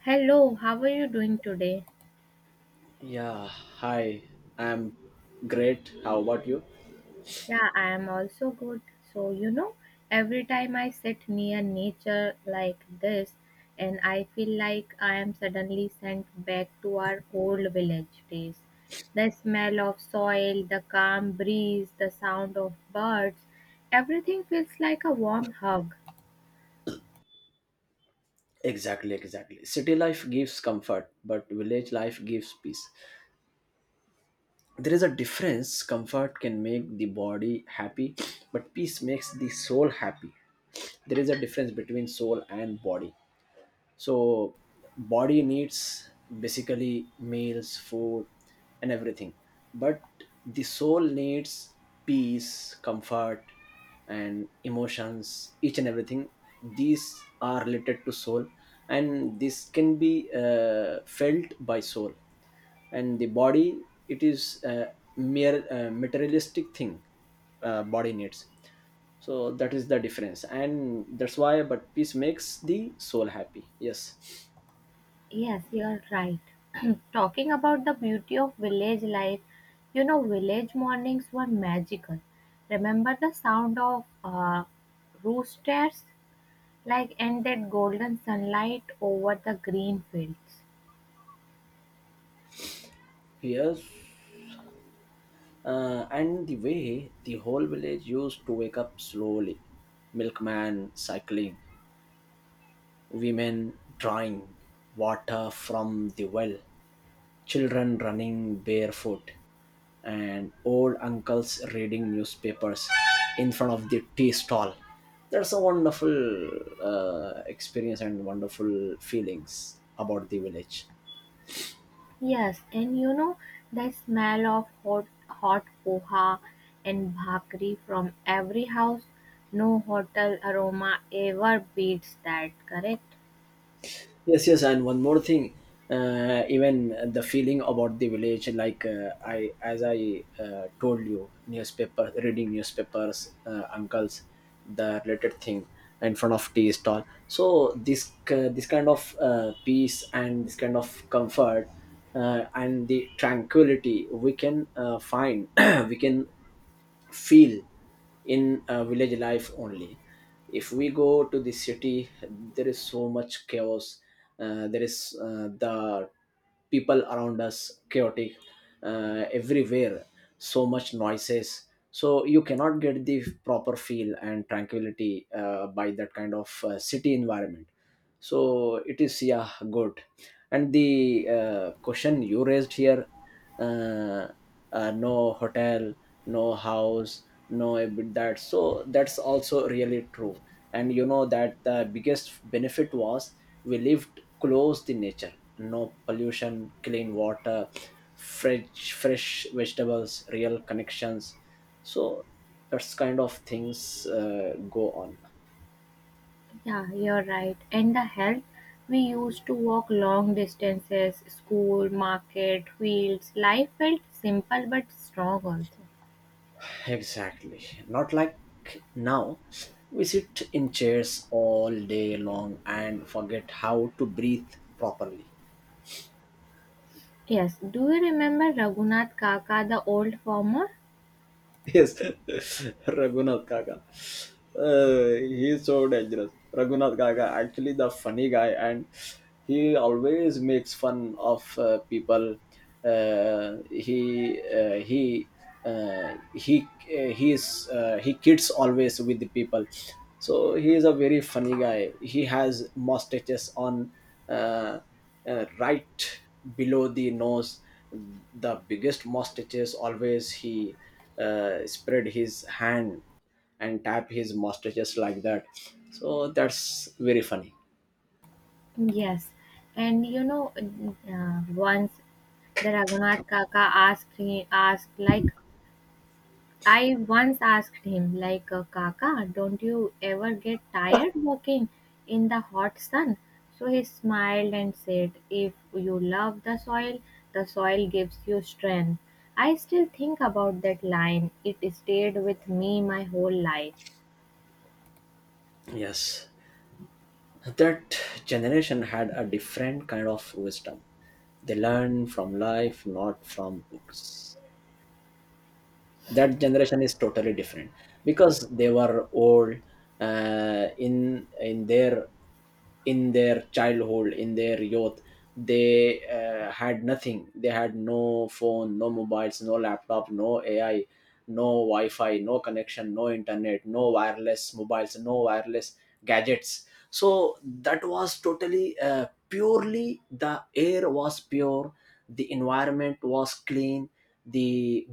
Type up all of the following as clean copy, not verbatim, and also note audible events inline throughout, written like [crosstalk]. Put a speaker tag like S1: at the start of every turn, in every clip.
S1: Hello, how are you doing today?
S2: Yeah, hi. I'm great. How about you?
S1: Yeah, I am also good. So, you know, every time I sit near nature like this, and I feel like I am suddenly sent back to our old village days. The smell of soil, the calm breeze, the sound of birds, everything feels like a warm hug.
S2: Exactly, exactly. City life gives comfort, but village life gives peace. There is a difference. Comfort can make the body happy, but peace makes the soul happy. There is a difference between soul and body. So body needs basically meals, food, and everything, but the soul needs peace, comfort, and emotions, each and everything. These are related to soul, and this can be felt by soul. And the body, it is a mere materialistic thing. Body needs. So that is the difference, and that's why. But peace makes the soul happy, yes.
S1: Yes, you're right. [clears throat] Talking about the beauty of village life, you know, village mornings were magical. Remember the sound of roosters, like, and that golden sunlight over the green fields.
S2: Yes, and the way the whole village used to wake up slowly, milkman cycling, women drawing water from the well, children running barefoot, and old uncles reading newspapers in front of the tea stall. That's a wonderful experience and wonderful feelings about the village.
S1: Yes, and you know, the smell of hot poha and bhakri from every house. No hotel aroma ever beats that, correct?
S2: Yes, yes, and one more thing. Even the feeling about the village, like I as I told you, newspaper, reading newspapers, uncles, the related thing, in front of tea stall. So this kind of peace and this kind of comfort, and the tranquility we can find, [clears throat] we can feel in village life only. If we go to the city, there is so much chaos. There is the people around us chaotic, everywhere, so much noises. So you cannot get the proper feel and tranquility by that kind of city environment. So it is, yeah, good. And the question you raised here, uh, no hotel, no house, no a bit that, so that's also really true. And you know that the biggest benefit was, we lived close to nature, no pollution, clean water, fresh vegetables, real connections. So that's kind of things go on.
S1: Yeah, you're right. And the health, we used to walk long distances, school, market, fields. Life felt simple but strong also.
S2: Exactly. Not like now. We sit in chairs all day long and forget how to breathe properly.
S1: Yes, do you remember Raghunath Kaka, the old farmer?
S2: Yes, [laughs] Raghunath Kaka. He's so dangerous. Raghunath Kaka, actually the funny guy, and he always makes fun of people. Uh, he uh, he he he's He kids always with the people. So he is a very funny guy. He has mustaches on, uh, right below the nose. The biggest mustaches. Always he spread his hand and tap his master just like that. So that's very funny.
S1: Yes, and you know, once the Raghunath Kaka asked, he asked like, I once asked him, Kaka, don't you ever get tired walking in the hot sun? So he smiled and said, if you love the soil gives you strength. I still think about that line. It stayed with me my whole life.
S2: Yes, that generation had a different kind of wisdom. They learn from life, not from books. That generation is totally different, because they were old in their, in their childhood, in their youth, they had nothing. They had no phone, no mobiles, no laptop, no AI, no wi-fi, no connection, no internet, no wireless mobiles, no wireless gadgets. So that was totally purely, the air was pure, the environment was clean, the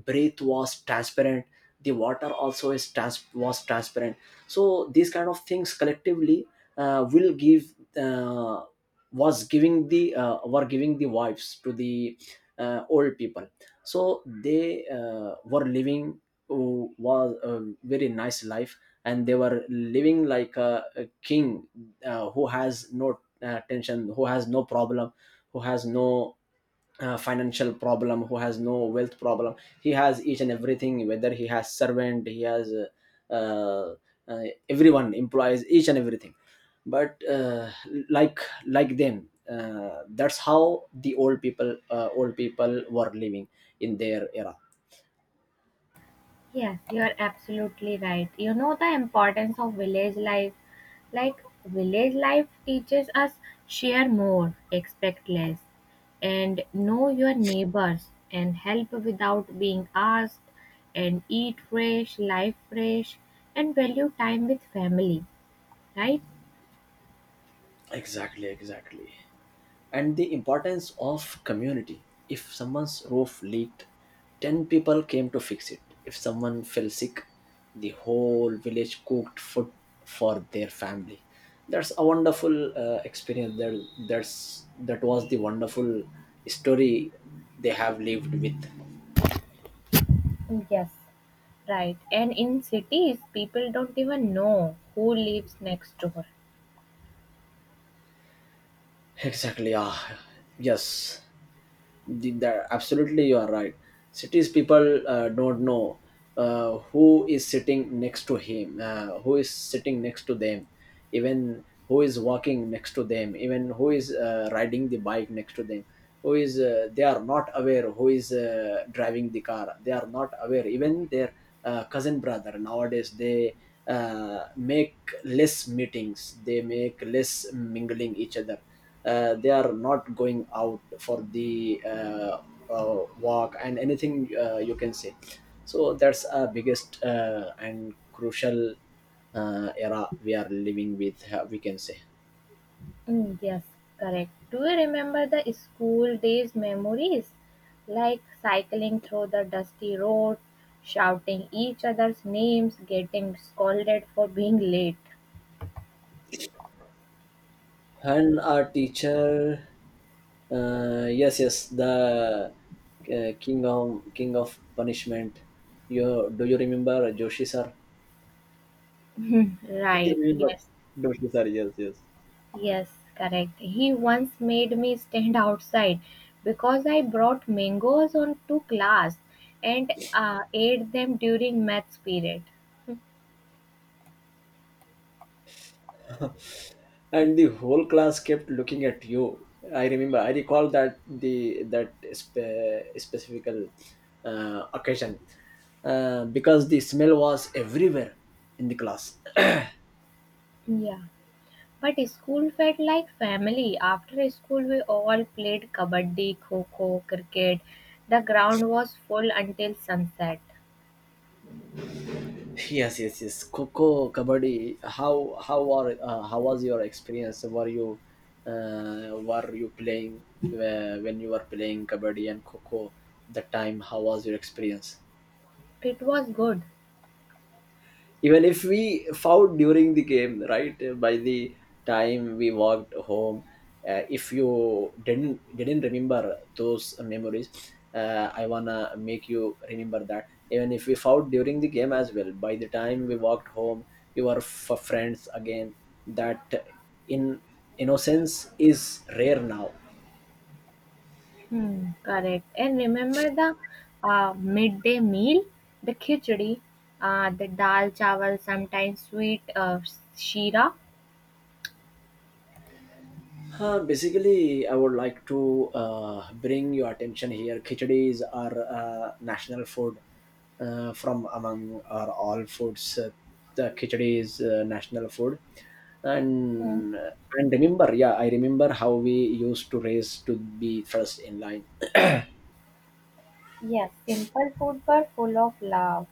S2: breath was transparent, the water also was transparent. So these kind of things collectively will give uh, was giving the, were giving the wives to the old people. So they were living, uh, was a very nice life. And they were living like a king, who has no tension, who has no problem, who has no financial problem, who has no wealth problem. He has each and everything, whether he has servant, he has uh, uh, everyone employs, each and everything. But like like them, that's how the old people, old people were living in their era.
S1: Yes, you're absolutely right. You know the importance of village life. Like, village life teaches us share more, expect less, and know your neighbors, and help without being asked, and eat fresh, life fresh, and value time with family, right?
S2: Exactly, exactly. And the importance of community, if someone's roof leaked, 10 people came to fix it. If someone fell sick, the whole village cooked food for their family. That's a wonderful experience there. That was the wonderful story they have lived with.
S1: Yes, right. And in cities, people don't even know who lives next door.
S2: Exactly. Yeah. Yes. That absolutely you are right. Cities people don't know who is sitting next to him, who is sitting next to them, even who is walking next to them, even who is riding the bike next to them, who is they are not aware who is driving the car. They are not aware even their cousin brother nowadays, they. Make less meetings, they make less mingling each other. They are not going out for the walk and anything, you can say. So that's our biggest and crucial era we are living with, we can say.
S1: Mm, yes, correct. Do you remember the school days memories? Like cycling through the dusty roads, shouting each other's names, getting scolded for being late. [laughs]
S2: And our teacher, yes, yes, the king of punishment, you do, you remember Joshi sir?
S1: Mhm. Right, yes, yes, correct. He once made me stand outside because I brought mangoes on to class and ate them during maths period.
S2: And the whole class kept looking at you. I recall that, the that specific occasion, because the smell was everywhere in the class. [coughs]
S1: Yeah. But school felt like family. After school, we all played kabaddi, kho kho, cricket. The ground was full until sunset.
S2: [clears throat] Yes, yes, yes, coco kabaddi. How how are uh, how was your experience? Were you were you playing, when you were playing kabaddi and coco the time how was your experience?
S1: It was good.
S2: Even if we fought during the game, right, by the time we walked home, if you didn't remember those memories, I wanna make you remember that even if we fought during the game as well, by the time we walked home, we were friends again. That in innocence is rare now.
S1: Hmm, correct. And remember the midday meal, the khichdi, the dal chawal, sometimes sweet shira.
S2: Basically, I would like to bring your attention here. Khichdis are national food from among our all foods. The khichdi is national food,
S1: Hmm.
S2: and and remember, yeah, I remember how we used to race to be first in line.
S1: Yes, simple food but full of love.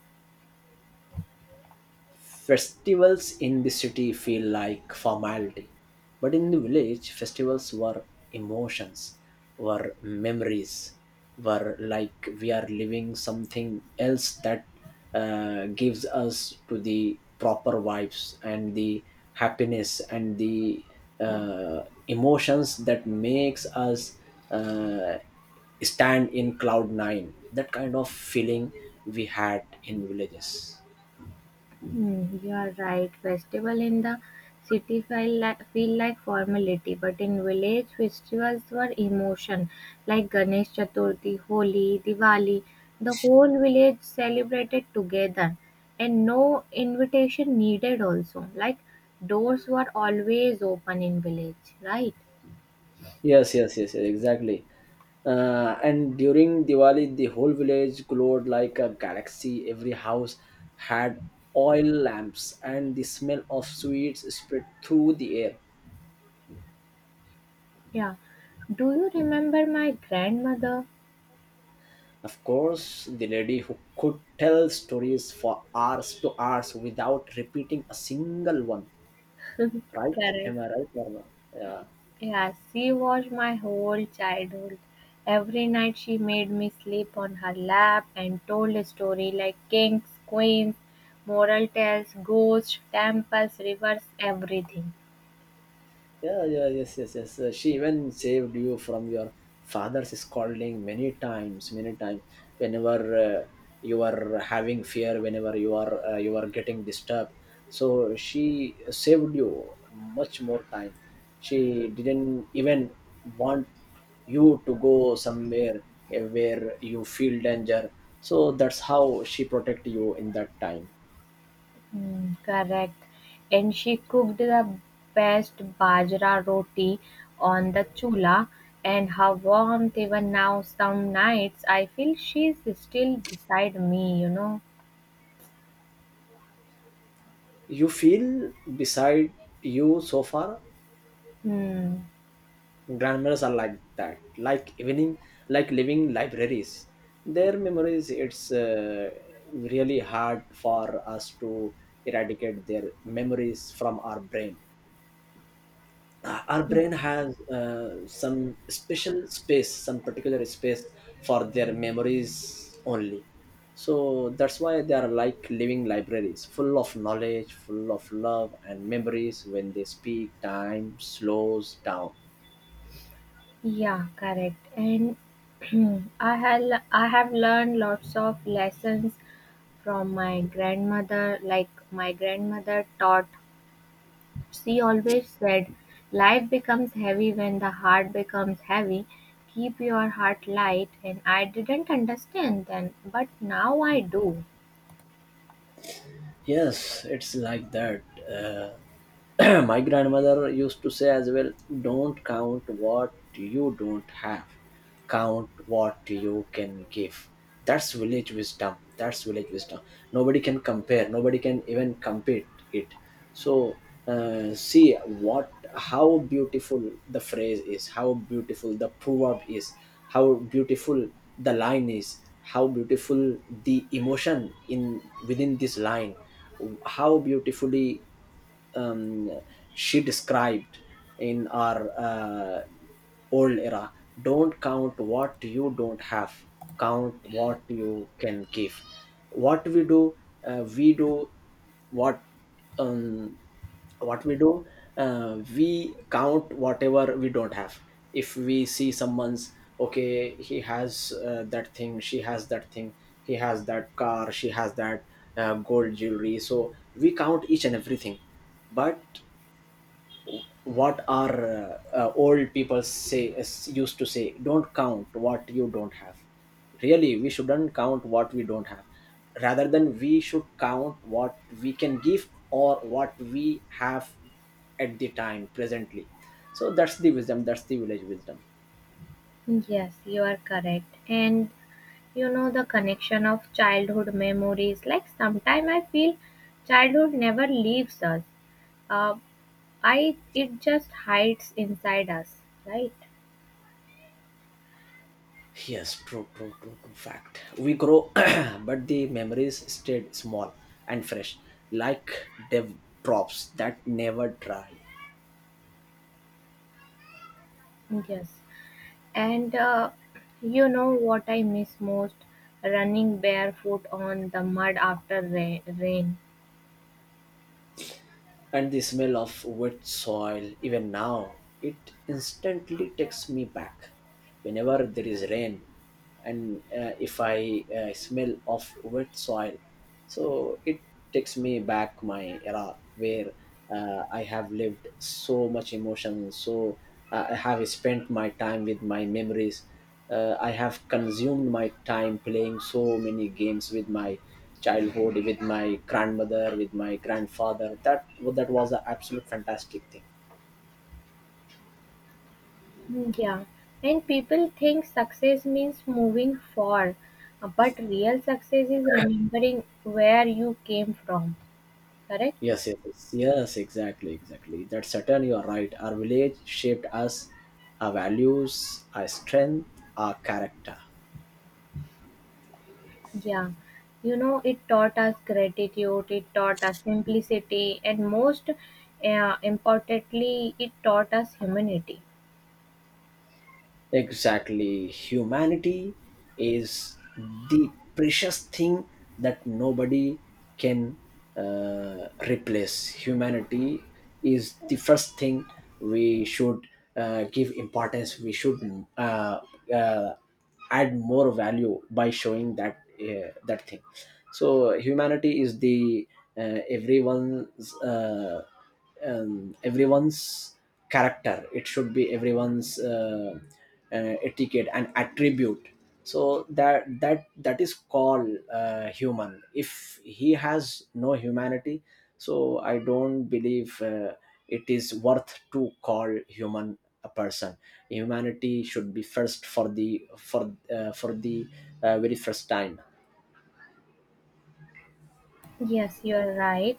S2: Festivals in the city feel like formality, but in the village, festivals were emotions, were memories, were like we are living something else that gives us to the proper vibes and the happiness and the emotions that makes us uh, stand in cloud nine. That kind of feeling we had in villages.
S1: Hmm, you are right. Festival in the city feel like formality, but in village festivals were emotion, like Ganesh Chaturthi, Holi, Diwali. The whole village celebrated together, and no invitation needed. Also, like doors were always open in village, right?
S2: Yes, yes, yes, yes, exactly. And during Diwali, the whole village glowed like a galaxy. Every house had oil lamps, and the smell of sweets spread through the air.
S1: Yeah. Do you remember my grandmother?
S2: Of course, the lady who could tell stories for hours to hours without repeating a single one. Right?
S1: Correct.
S2: Am I right, Norma? Yeah.
S1: Yeah, she was my whole childhood. Every night she made me sleep on her lap and told a story like kings, queens, moral tales, ghosts, temples, rivers, everything.
S2: Yeah, yeah, yes, yes, yes. She even saved you from your father's scolding many times, many times. Whenever you are having fear, whenever you are getting disturbed, so she saved you much more time. She didn't even want you to go somewhere where you feel danger. So that's how she protect you in that time.
S1: Mm, correct. And she cooked the best bajra roti on the chula and her warmth even now some nights I feel she's still beside me, you know.
S2: You feel beside you so far.
S1: Hmm.
S2: Grandmothers are like that, like evening, like living libraries. Their memories, it's really hard for us to eradicate their memories from our brain. Our brain has uh, some special space, some particular space for their memories only. So that's why they are like living libraries, full of knowledge, full of love and memories. When they speak, time slows down.
S1: Yeah, correct. And [clears throat] I have I have learned lots of lessons from my grandmother. Like my grandmother taught, she always said, "Life becomes heavy when the heart becomes heavy. Keep your heart light." And I didn't understand then, but now I do.
S2: Yes, it's like that. Uh, [clears throat] my grandmother used to say as well, don't count what you don't have, count what you can give. That's village wisdom, that's village wisdom. Nobody can compare, nobody can even compete it. So see what, how beautiful the phrase is, how beautiful the proverb is, how beautiful the line is, how beautiful the emotion in within this line, how beautifully um, she described in our old era. Don't count what you don't have, count what you can give. What we do, we do what um, what we do, we count whatever we don't have. If we see someone's, okay, he has that thing, she has that thing, he has that car, she has that gold jewelry, so we count each and everything. But what our old people say is, used to say, don't count what you don't have. Really, we shouldn't count what we don't have, rather than we should count what we can give or what we have at the time presently. So that's the wisdom, that's the village wisdom.
S1: Yes, you are correct. And you know the connection of childhood memories. Like sometimes I feel childhood never leaves us. Uh, I it just hides inside us, right?
S2: Yes, true, true, true, true fact. We grow, [clears throat] but the memories stayed small and fresh, like dev drops that never dry.
S1: Yes. And you know what I miss most? Running barefoot on the mud after rain.
S2: And the smell of wet soil, even now it instantly takes me back. Whenever there is rain, and if I smell of wet soil, so it takes me back my era, where I have lived so much emotion. So I have spent my time with my memories, I have consumed my time playing so many games with my childhood, with my grandmother, with my grandfather. That that was an absolute fantastic thing.
S1: Yeah. And people think success means moving far, but real success is remembering where you came from. Correct?
S2: Yes, yes, yes, yes, exactly, exactly. That's certain, you are right. Our village shaped us, our values, our strength, our character.
S1: Yeah, you know, it taught us gratitude, it taught us simplicity, and most importantly, it taught us humanity.
S2: Exactly. Humanity is the precious thing that nobody can replace. Humanity is the first thing we should give importance. We should uh, uh, add more value by showing that thing. So humanity is the everyone's. Everyone's character, it should be everyone's etiquette and attribute, so that is called human. If he has no humanity, so I don't believe it is worth to call human a person. Humanity should be first for the very first time.
S1: Yes, you are right.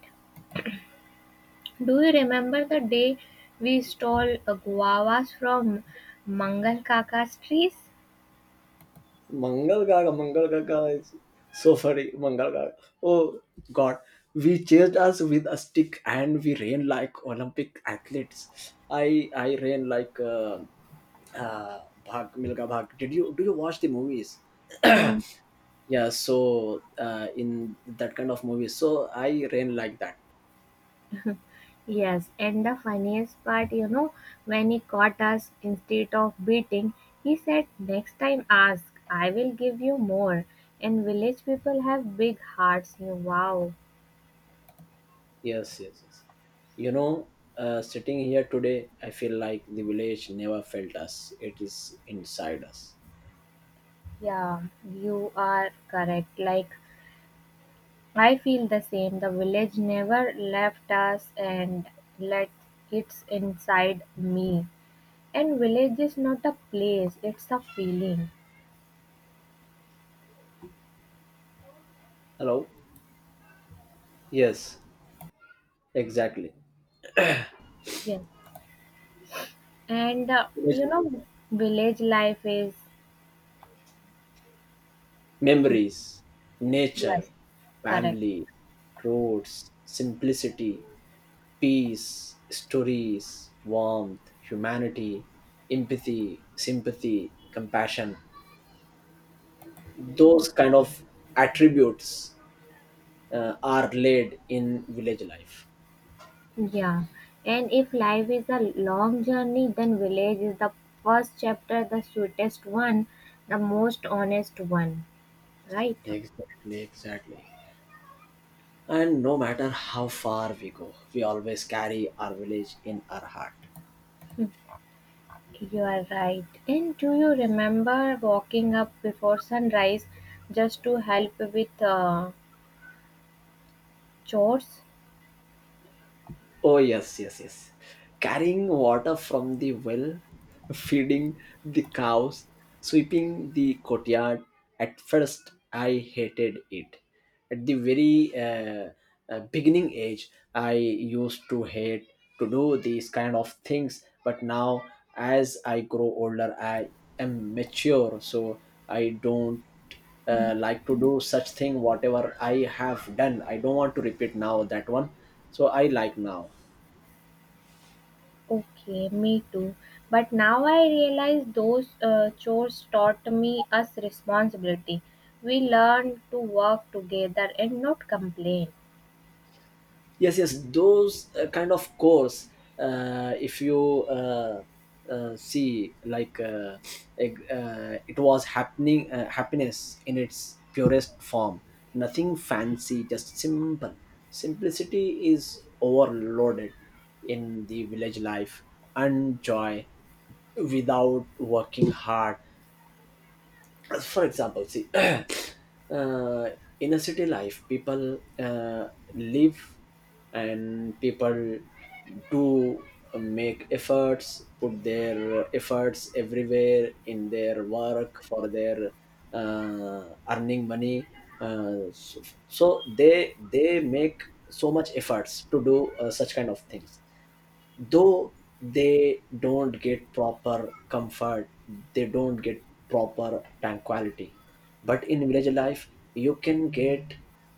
S1: Do you remember the day we stole guavas from Mangal Kaka's trees?
S2: Mangal Gaga, Mangal Gaga is so funny. Mangal Gaga. Oh God, we chased us with a stick and we ran like Olympic athletes. I ran like Bhag Milga Bhag. Did you do you watch the movies?
S1: Mm,
S2: [clears throat] Yeah. So in that kind of movies, so I ran like that.
S1: yes, and the funniest part, you know, when he caught us instead of beating, he said, next time ask, I will give you more. And village people have big hearts. You wow.
S2: Yes, yes, yes. You know, sitting here today, I feel like the village never felt us. It is inside us.
S1: Yeah, you are correct. Like, I feel the same. The village never left us and let it's inside me. And village is not a place, it's a feeling.
S2: Hello. Yes. Exactly.
S1: Yes. And you know, village life is,
S2: Memories, nature,
S1: yes, correct.
S2: family, roads, simplicity, peace, stories, warmth, humanity, empathy, sympathy, compassion. Those kind of attributes are laid in village life.
S1: Yeah. And if life is a long journey, then village is the first chapter, the sweetest one, the most honest one, right?
S2: Exactly, exactly. And no matter how far we go, we always carry our village in our heart.
S1: You're right. And do you remember walking up before sunrise just to help with chores?
S2: Oh, yes, yes, yes. Carrying water from the well, feeding the cows, sweeping the courtyard. At first, I hated it. At the very beginning age, I used to hate to do these kind of things. But now, as I grow older, I am mature, so I don't like to do such thing. Whatever I have done, I don't want to repeat now that one, so I like now.
S1: Okay, me too. But now I realize those chores taught me us responsibility. We learned to work together and not complain.
S2: Yes, yes, those kind of course, if you see like eg- it was happening, happiness in its purest form, nothing fancy, just simple. Simplicity is overloaded in the village life, and joy without working hard. For example, see, [clears throat] in a city life, people live, and people do make efforts, put their efforts everywhere in their work for their earning money. Uh, so, so they make so much efforts to do such kind of things, though they don't get proper comfort, they don't get proper tranquility. But in village life, you can get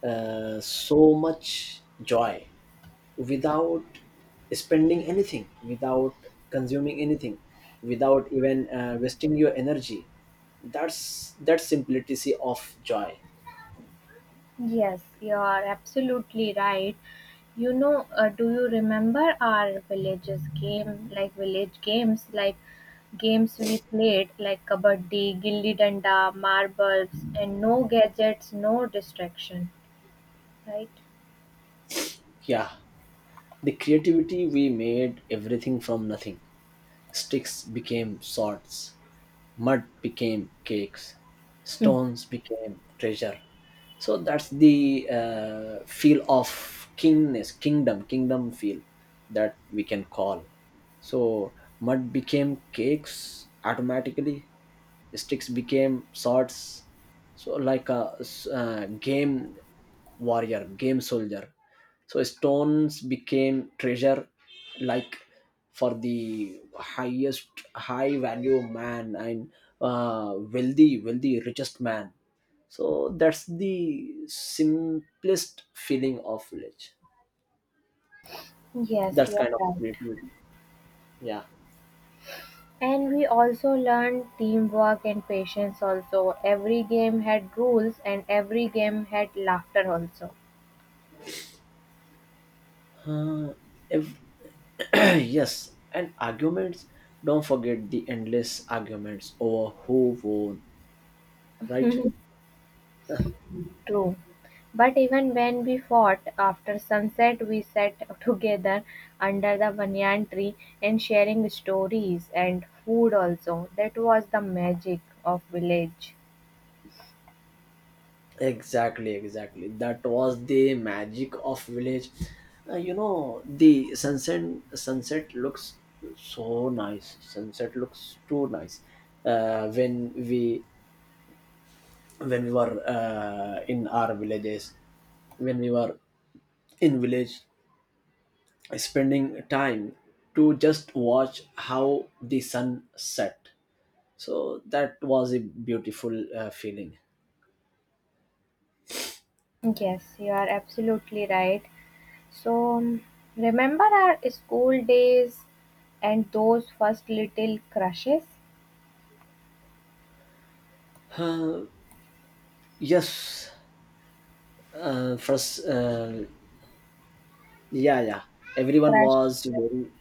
S2: so much joy without spending anything, without consuming anything, without even wasting your energy. That's that simplicity of joy.
S1: Yes, you are absolutely right. You know, do you remember our villages game, like village games, like games we played, like kabaddi, gilli danda, marbles, and no gadgets, no distraction, right?
S2: Yeah, the creativity, we made everything from nothing. Sticks became swords, mud became cakes,
S1: Hmm.
S2: stones became treasure. So that's the feel of kingness, kingdom feel that we can call. So mud became cakes automatically. Sticks became swords, so like a game warrior, game soldier. So stones became treasure, like for the highest high value man and wealthy, richest man. So that's the simplest feeling of village.
S1: Yes,
S2: That's
S1: you're
S2: kind of
S1: right.
S2: creativity. Yeah.
S1: And we also learned teamwork and patience also. Every game had rules and every game had laughter also.
S2: Uh, if [clears throat] yes, and arguments. Don't forget the endless arguments over who won, right?
S1: True. But even when we fought, after sunset we sat [laughs] together under the banyan tree and sharing stories and food also. That was the magic of village.
S2: Exactly, exactly. That was the magic of village. You know, the sunset looks so nice. Sunset looks too nice. Uh, when we when we were in our villages, when we were in village, spending time to just watch how the sun set. So that was a beautiful feeling.
S1: Yes, you are absolutely right. So, remember our school days and those first little crushes?
S2: Yes, first, yeah, yeah, everyone
S1: Crush.
S2: was very,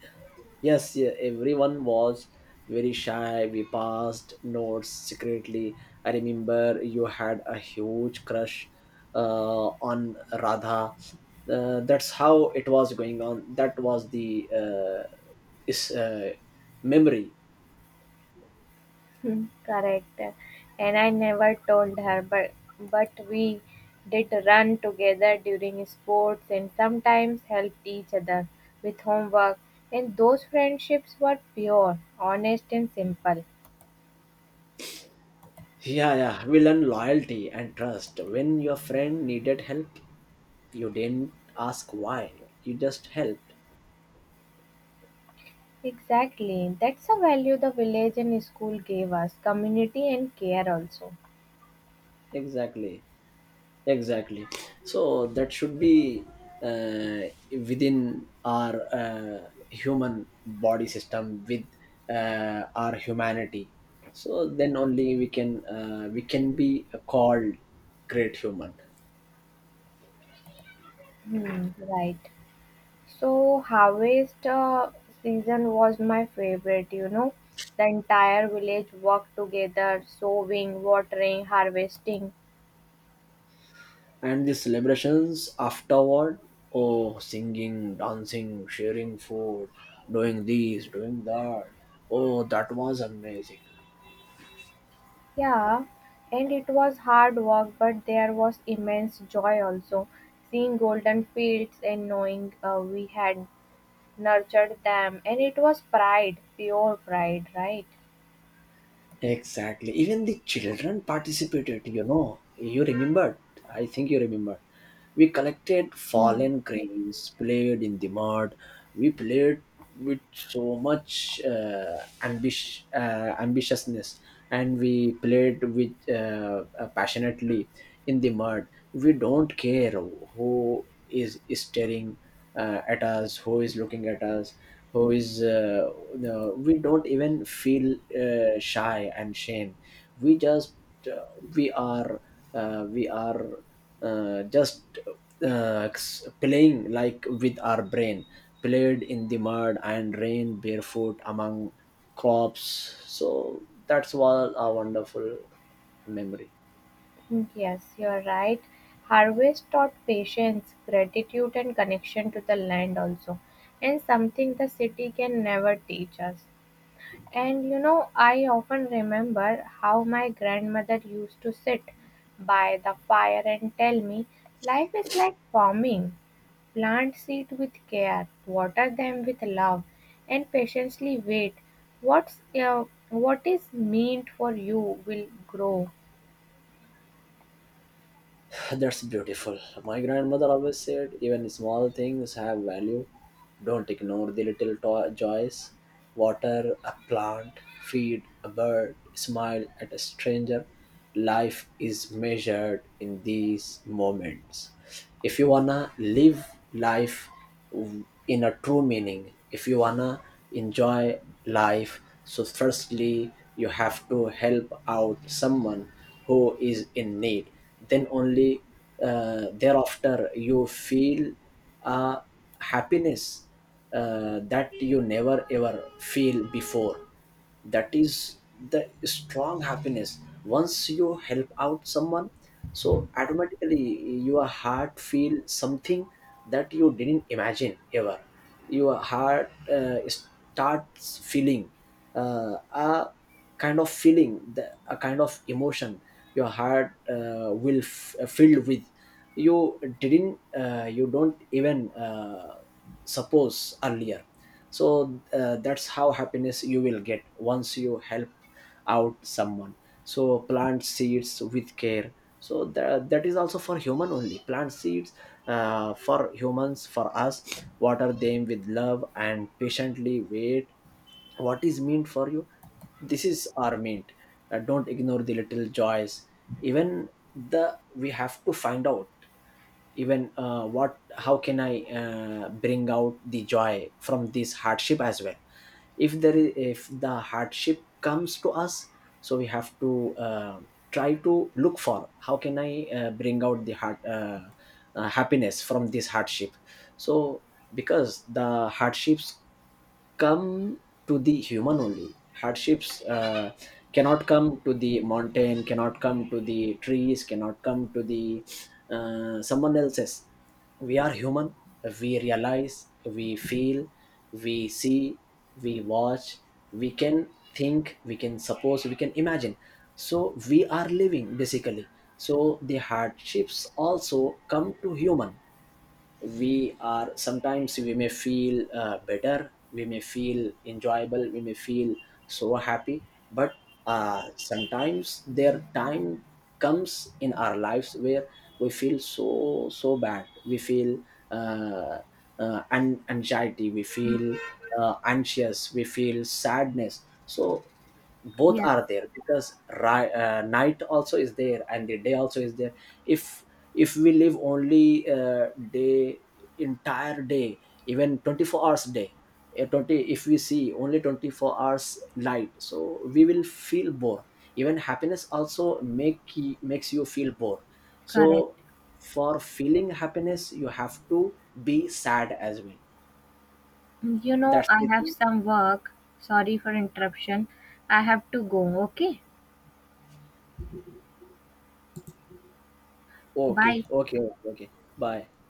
S2: yes, yeah, everyone was very shy. We passed notes secretly. I remember you had a huge crush on Radha. That's how it was going on. That was the uh, is memory.
S1: Hmm, correct. And I never told her, but we did run together during sports and sometimes helped each other with homework. And those friendships were pure, honest, and simple.
S2: Yeah, yeah, we learn loyalty and trust. When your friend needed help, you didn't ask why, you just helped.
S1: Exactly. That's a value the village and school gave us, community and care also.
S2: Exactly, exactly. So that should be uh, within our human body system with our humanity. So then only we can be called great human.
S1: Hmm, right. So harvest season was my favorite, you know. The entire village worked together, sowing, watering, harvesting.
S2: And the celebrations afterward, oh, singing, dancing, sharing food, doing this, doing that, oh, that was amazing.
S1: Yeah, and it was hard work, but there was immense joy also. Seeing golden fields and knowing we had nurtured them, and it was pride, pure pride, right?
S2: Exactly. Even the children participated, you know. You remembered. I think you remembered. We collected
S1: Hmm.
S2: fallen grains, played in the mud. We played with so much ambitiousness, and we played with passionately in the mud. We don't care who is staring, at us, who is looking at us, we don't even feel shy and shame, we just uh, we are we are just s- playing like with our brain, played in the mud and rain barefoot among crops. So that's all a wonderful memory.
S1: Mm, yes, you're right. Harvest taught patience, gratitude, and connection to the land also, and something the city can never teach us. And you know, I often remember how my grandmother used to sit by the fire and tell me life is like farming. Plant seed with care, water them with love, and patiently wait. What's uh, what is meant for you will grow.
S2: That's beautiful. My grandmother always said, even small things have value. Don't ignore the joys. Water a plant, feed a bird, smile at a stranger. Life is measured in these moments. If you wanna live life in a true meaning. If you wanna enjoy life, so firstly you have to help out someone who is in need. Then only thereafter you feel a happiness that you never ever feel before. That is the strong happiness. Once you help out someone, so automatically your heart feel something that you didn't imagine ever. Your heart starts feeling a kind of feeling, a kind of emotion your heart will filled with, you didn't you don't even suppose earlier. So that's how happiness you will get once you help out someone. So plant seeds with care, so that is also for human only. Plant seeds for humans, for us, water them with love and patiently wait what is meant for you. This is our meant. Don't ignore the little joys. Even the, we have to find out even what, how can I bring out the joy from this hardship as well. If there is, if the hardship comes to us, so we have to try to look for how can I bring out the heart happiness from this hardship. So because the hardships come to the human only. Hardships cannot come to the mountain, cannot come to the trees, cannot come to the someone else's. We are human, we realize, we feel, we see, we watch, we can think, we can suppose, we can imagine. So we are living, basically. So the hardships also come to human. We are, sometimes we may feel better, we may feel enjoyable, we may feel so happy. But sometimes their time comes in our lives where we feel so, so bad. We feel uh, an anxiety, we feel anxious, we feel sadness. So both
S1: Yes,
S2: are there, because night also is there and the day also is there. if if we live only day, entire day, even 24 hours day, 20 if we see only 24 hours light, so we will feel bored. Even happiness also makes you feel bored.
S1: correct.
S2: So for feeling happiness you have to be sad as well.
S1: You know,
S2: That's
S1: I
S2: the
S1: have
S2: thing.
S1: some work. Sorry for interruption. I have to go, okay?
S2: Okay, okay, okay, okay. Bye.